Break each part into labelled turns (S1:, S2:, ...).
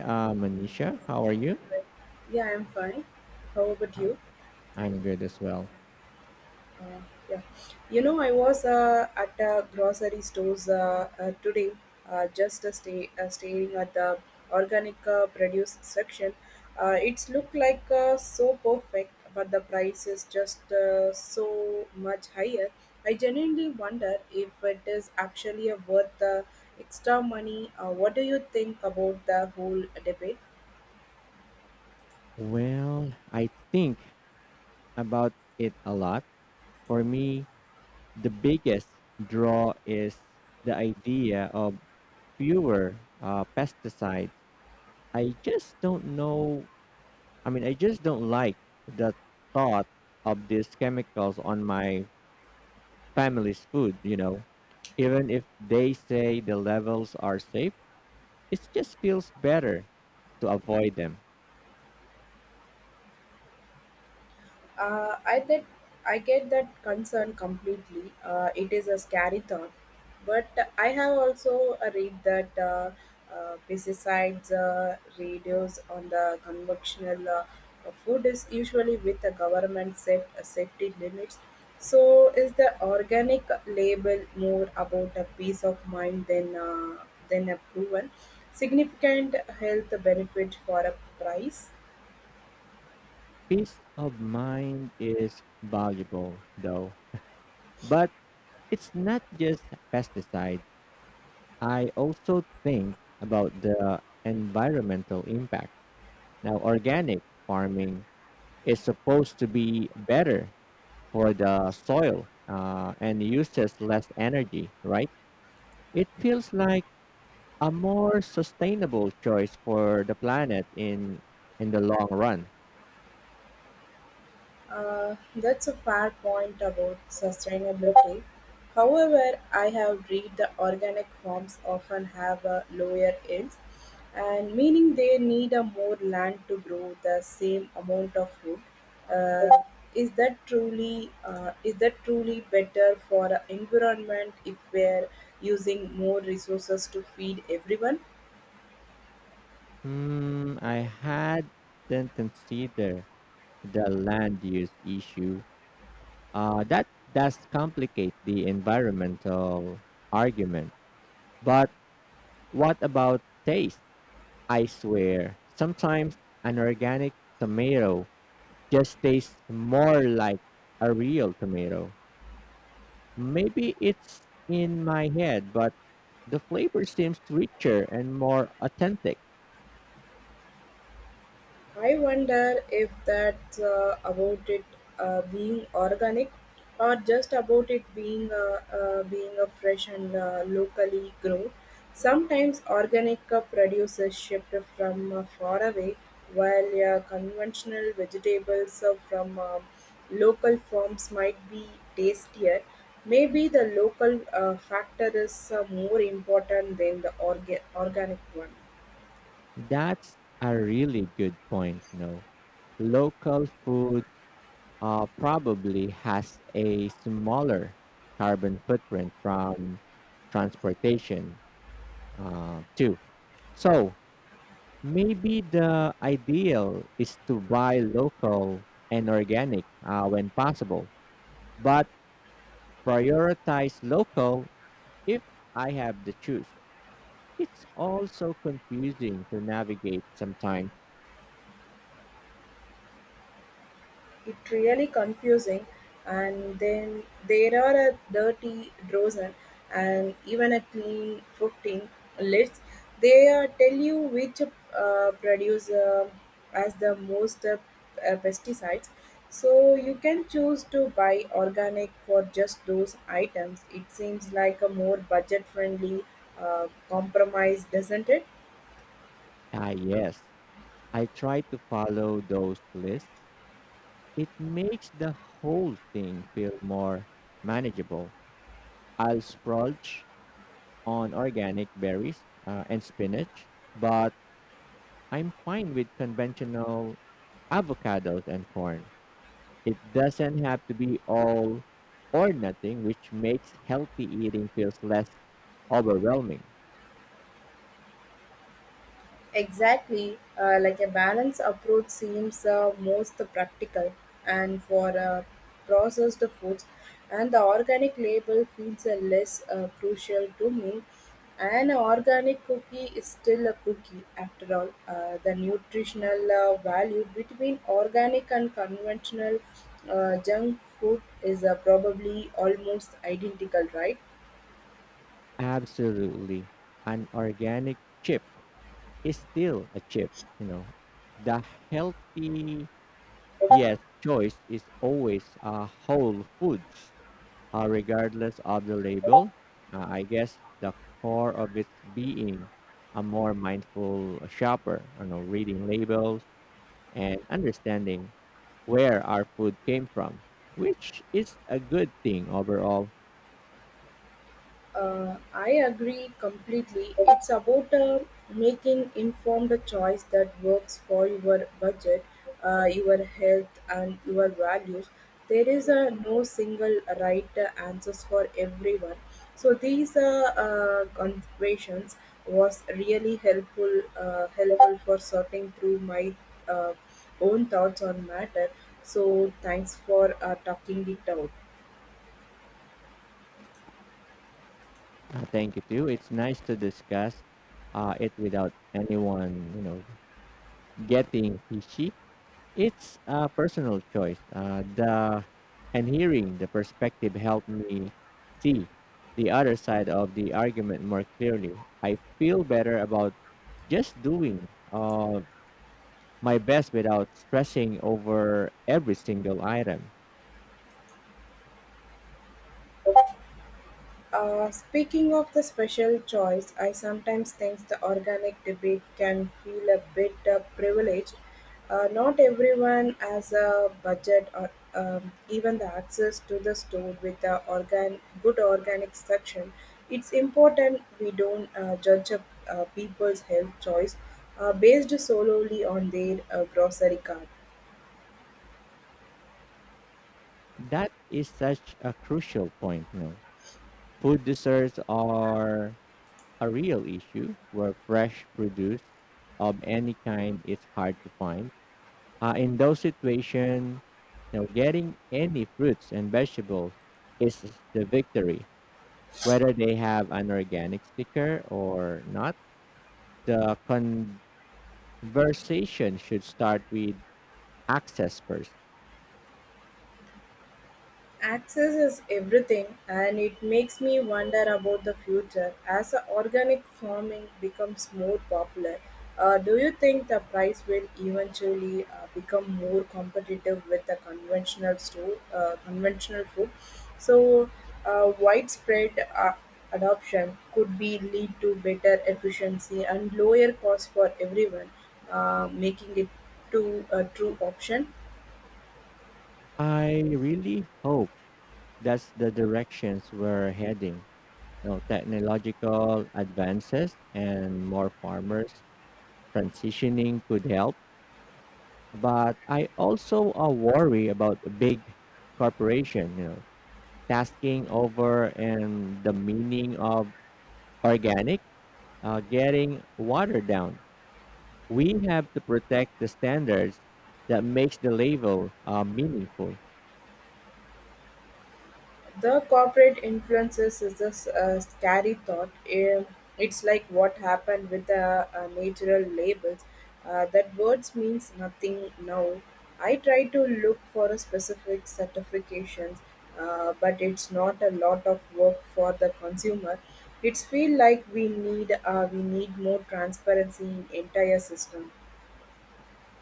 S1: Manisha. How are you?
S2: Yeah, I'm fine. How about you?
S1: I'm good as well.
S2: Uh, yeah, I was at a grocery stores today, just stay staring at the organic produce section. It's look like so perfect, but the price is just so much higher. I genuinely wonder if it is actually worth the extra money. What do you think about the whole debate?
S1: Well, I think about it a lot. For me, the biggest draw is the idea of fewer pesticides. I just don't know. I mean, I just don't like the thought of these chemicals on my family's food. Even if they say the levels are safe, it just feels better to avoid them.
S2: Uh, I that I get that concern completely. It is a scary thought, but I have also read that pesticides reduce on the conventional food is usually with the government set safety limits. So is the organic label more about a peace of mind than a proven significant health benefit for a price?
S1: Peace of mind is valuable though, but it's not just pesticide. I also think about the environmental impact. Now, organic farming is supposed to be better for the soil and uses less energy, right? It feels like a more sustainable choice for the planet in the long run.
S2: That's a fair point about sustainability. However, I have read the organic farms often have a lower yields, and meaning they need a more land to grow the same amount of food. Uh, is that truly better for the environment if we're using more resources to feed everyone?
S1: Hmm, I hadn't considered the land use issue. That does complicate the environmental argument. But what about taste? I swear, sometimes an organic tomato just tastes more like a real tomato. Maybe it's in my head, but the flavor seems richer and more authentic.
S2: I wonder if that's about it being organic or just about it being being a fresh and locally grown. Sometimes organic produces shipped from far away, while conventional vegetables from local farms might be tastier. Maybe the local factor is more important than the organic one.
S1: That's a really good point, you know. Local food probably has a smaller carbon footprint from transportation, too. So, maybe the ideal is to buy local and organic when possible, but prioritize local if I have the choice. It's also confusing to navigate sometimes.
S2: It really confusing and then there are a dirty dozen and even a clean 15 lists. They tell you which produce as the most pesticides. So you can choose to buy organic for just those items. It seems like a more budget friendly compromise, doesn't it?
S1: Ah, yes, I try to follow those lists. It makes the whole thing feel more manageable. I'll splurge on organic berries and spinach, but I'm fine with conventional avocados and corn. It doesn't have to be all or nothing, which makes healthy eating feels less overwhelming.
S2: Exactly, like a balanced approach seems most practical, and for processed foods, and the organic label feels less crucial to me. An organic cookie is still a cookie after all. The nutritional value between organic and conventional junk food is probably almost identical, right?
S1: Absolutely. An organic chip is still a chip, you know. The healthy yes choice is always whole foods, regardless of the label. I guess the core of its being a more mindful shopper, you know, reading labels and understanding where our food came from, which is a good thing overall.
S2: I agree completely. It's about making informed choice that works for your budget, your health, and your values. There is no single right answers for everyone. So these considerations was really helpful helpful for sorting through my uh, own thoughts on matter. So thanks for talking it out.
S1: Thank you too. It's nice to discuss it without anyone, you know, getting fishy. It's a personal choice. The and hearing the perspective helped me see the other side of the argument more clearly. I feel better about just doing my best without stressing over every single item.
S2: Speaking of the special choice, I sometimes think the organic debate can feel a bit privileged. Not everyone has a budget or even the access to the store with a organic section. It's important we don't judge people's health choice based solely on their grocery cart.
S1: That is such a crucial point, you know. Food deserts are a real issue where fresh produce of any kind is hard to find. In those situations, you know, getting any fruits and vegetables is the victory, whether they have an organic sticker or not. The conversation should start with access first.
S2: Access is everything, and it makes me wonder about the future. As organic farming becomes more popular, do you think the price will eventually become more competitive with the conventional food? So, widespread adoption could be lead to better efficiency and lower cost for everyone, making it to a true option.
S1: I really hope that's the directions we're heading, you know, technological advances and more farmers transitioning could help. But I also worry about the big corporation, you know, tasking over and the meaning of organic getting watered down. We have to protect the standards that makes the label meaningful.
S2: The corporate influences is a scary thought. It's like what happened with the natural labels. That words means nothing now. I try to look for a specific certifications, but it's not a lot of work for the consumer. It's feel like we need more transparency in entire system.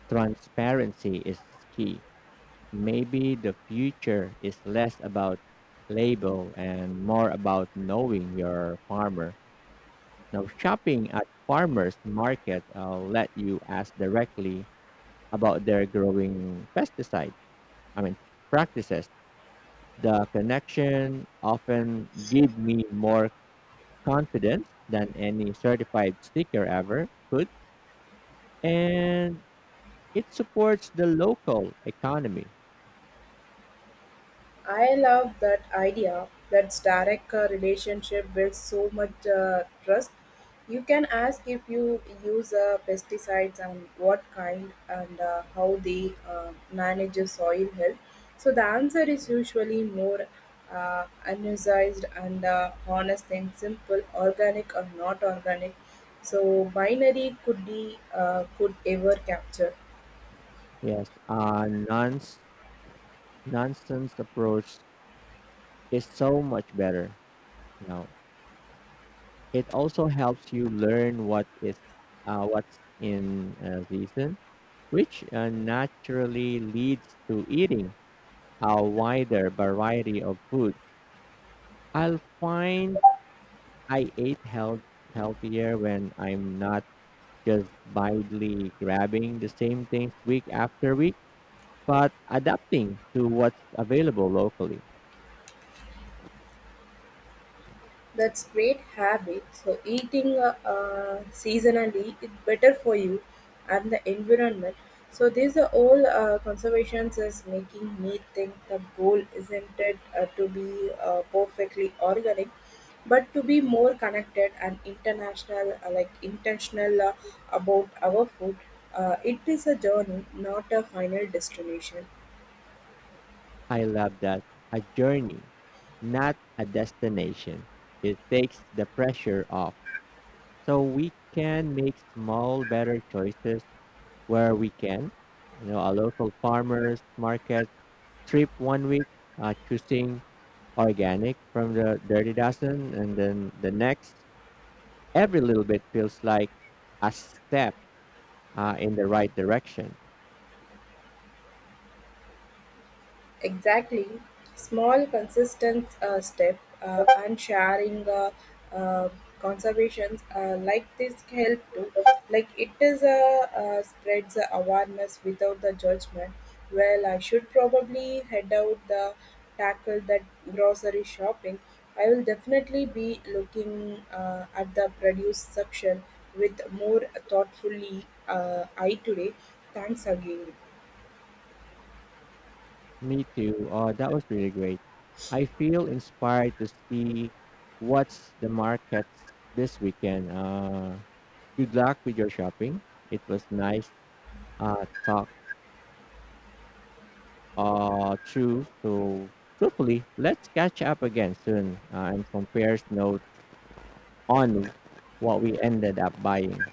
S1: Transparency is key. Maybe the future is less about label and more about knowing your farmer. Now, shopping at farmers market let you ask directly about their growing pesticide. I mean practices. The connection often give me more confidence than any certified sticker ever could, and it supports the local economy.
S2: I love that idea. That direct relationship builds so much trust. You can ask if you use pesticides and what kind and how they manage your soil health. So the answer is usually more unutilized and honest and simple, organic or not organic. So binary could ever capture.
S1: Yes, a nonce nonsense approach is so much better. You know, it also helps you learn what's in season, which naturally leads to eating a wider variety of food. I'll find I ate healthier when I'm not just blindly grabbing the same things week after week, but adapting to what's available locally.
S2: That's great habit. So eating seasonally is better for you and the environment. So these are all conservations is making me think the goal isn't it to be perfectly organic, but to be more connected and international, like intentional about our food. It is a journey, not a final destination.
S1: I love that. A journey, not a destination. It takes the pressure off so we can make small, better choices where we can. You know, a local farmer's market trip one week, choosing organic from the dirty dozen, and then the next, every little bit feels like a step in the right direction.
S2: Exactly. Small, consistent step and sharing uh, conservations like this help to like it is a spreads the awareness without the judgment. Well, I should probably head out the tackle that grocery shopping. I will definitely be looking at the produce section with more thoughtfully eye today. Thanks again.
S1: Me too. That was really great. I feel inspired to see what's the markets this weekend. Good luck with your shopping. It was nice talk through. So, truthfully, let's catch up again soon and compare notes on what we ended up buying.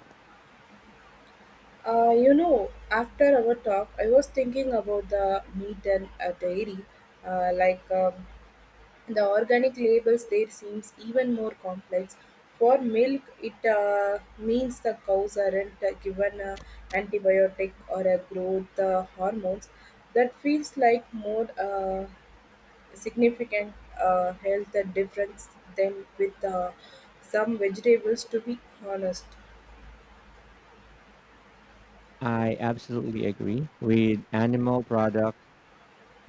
S2: You know, after our talk, I was thinking about the meat and dairy. Like the organic labels there seems even more complex. For milk, it means the cows aren't given a antibiotic or a growth hormones. That feels like more significant health difference than with some vegetables. To be honest.
S1: I absolutely agree with animal products.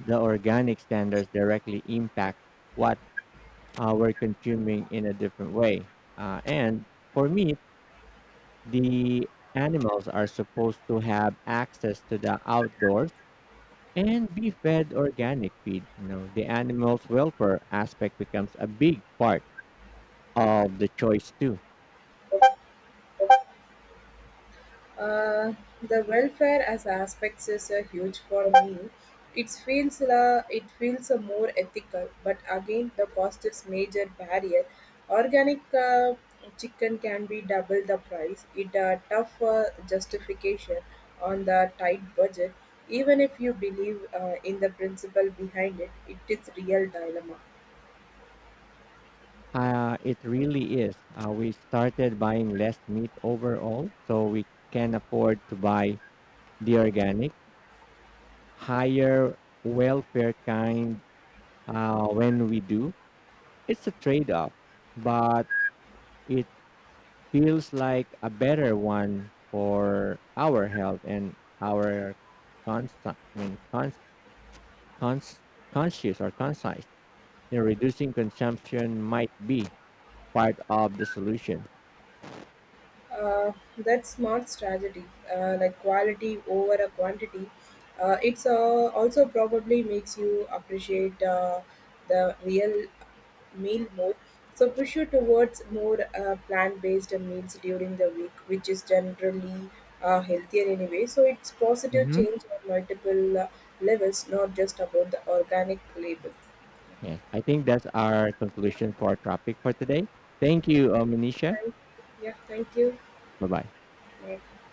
S1: The organic standards directly impact what were consuming in a different way. And for me, the animals are supposed to have access to the outdoors and be fed organic feed. You know, the animals' welfare aspect becomes a big part of the choice too.
S2: Uh, the welfare as aspects is a huge for me. It feels it feels a more ethical, but again the cost is major barrier. Organic chicken can be double the price. It a tough justification on the tight budget. Even if you believe in the principle behind it, it is real dilemma.
S1: It really is. We started buying less meat overall, so we can afford to buy the organic, higher welfare kind when we do. It's a trade off, but it feels like a better one for our health and our cons- I mean, cons- cons- conscious or conscious. You know, reducing consumption might be part of the solution.
S2: Uh, that's smart strategy, like quality over a quantity. It's also probably makes you appreciate the real meal more. So push you towards more plant-based meals during the week, which is generally healthier anyway. So it's positive
S1: Hmm.
S2: change on multiple levels, not just about the organic label.
S1: Yes, I think that's our
S2: Yeah,
S1: conclusion for our topic for today. Thank you, Manisha.
S2: thank, yeah, thank you.
S1: Bye bye.
S2: Yeah.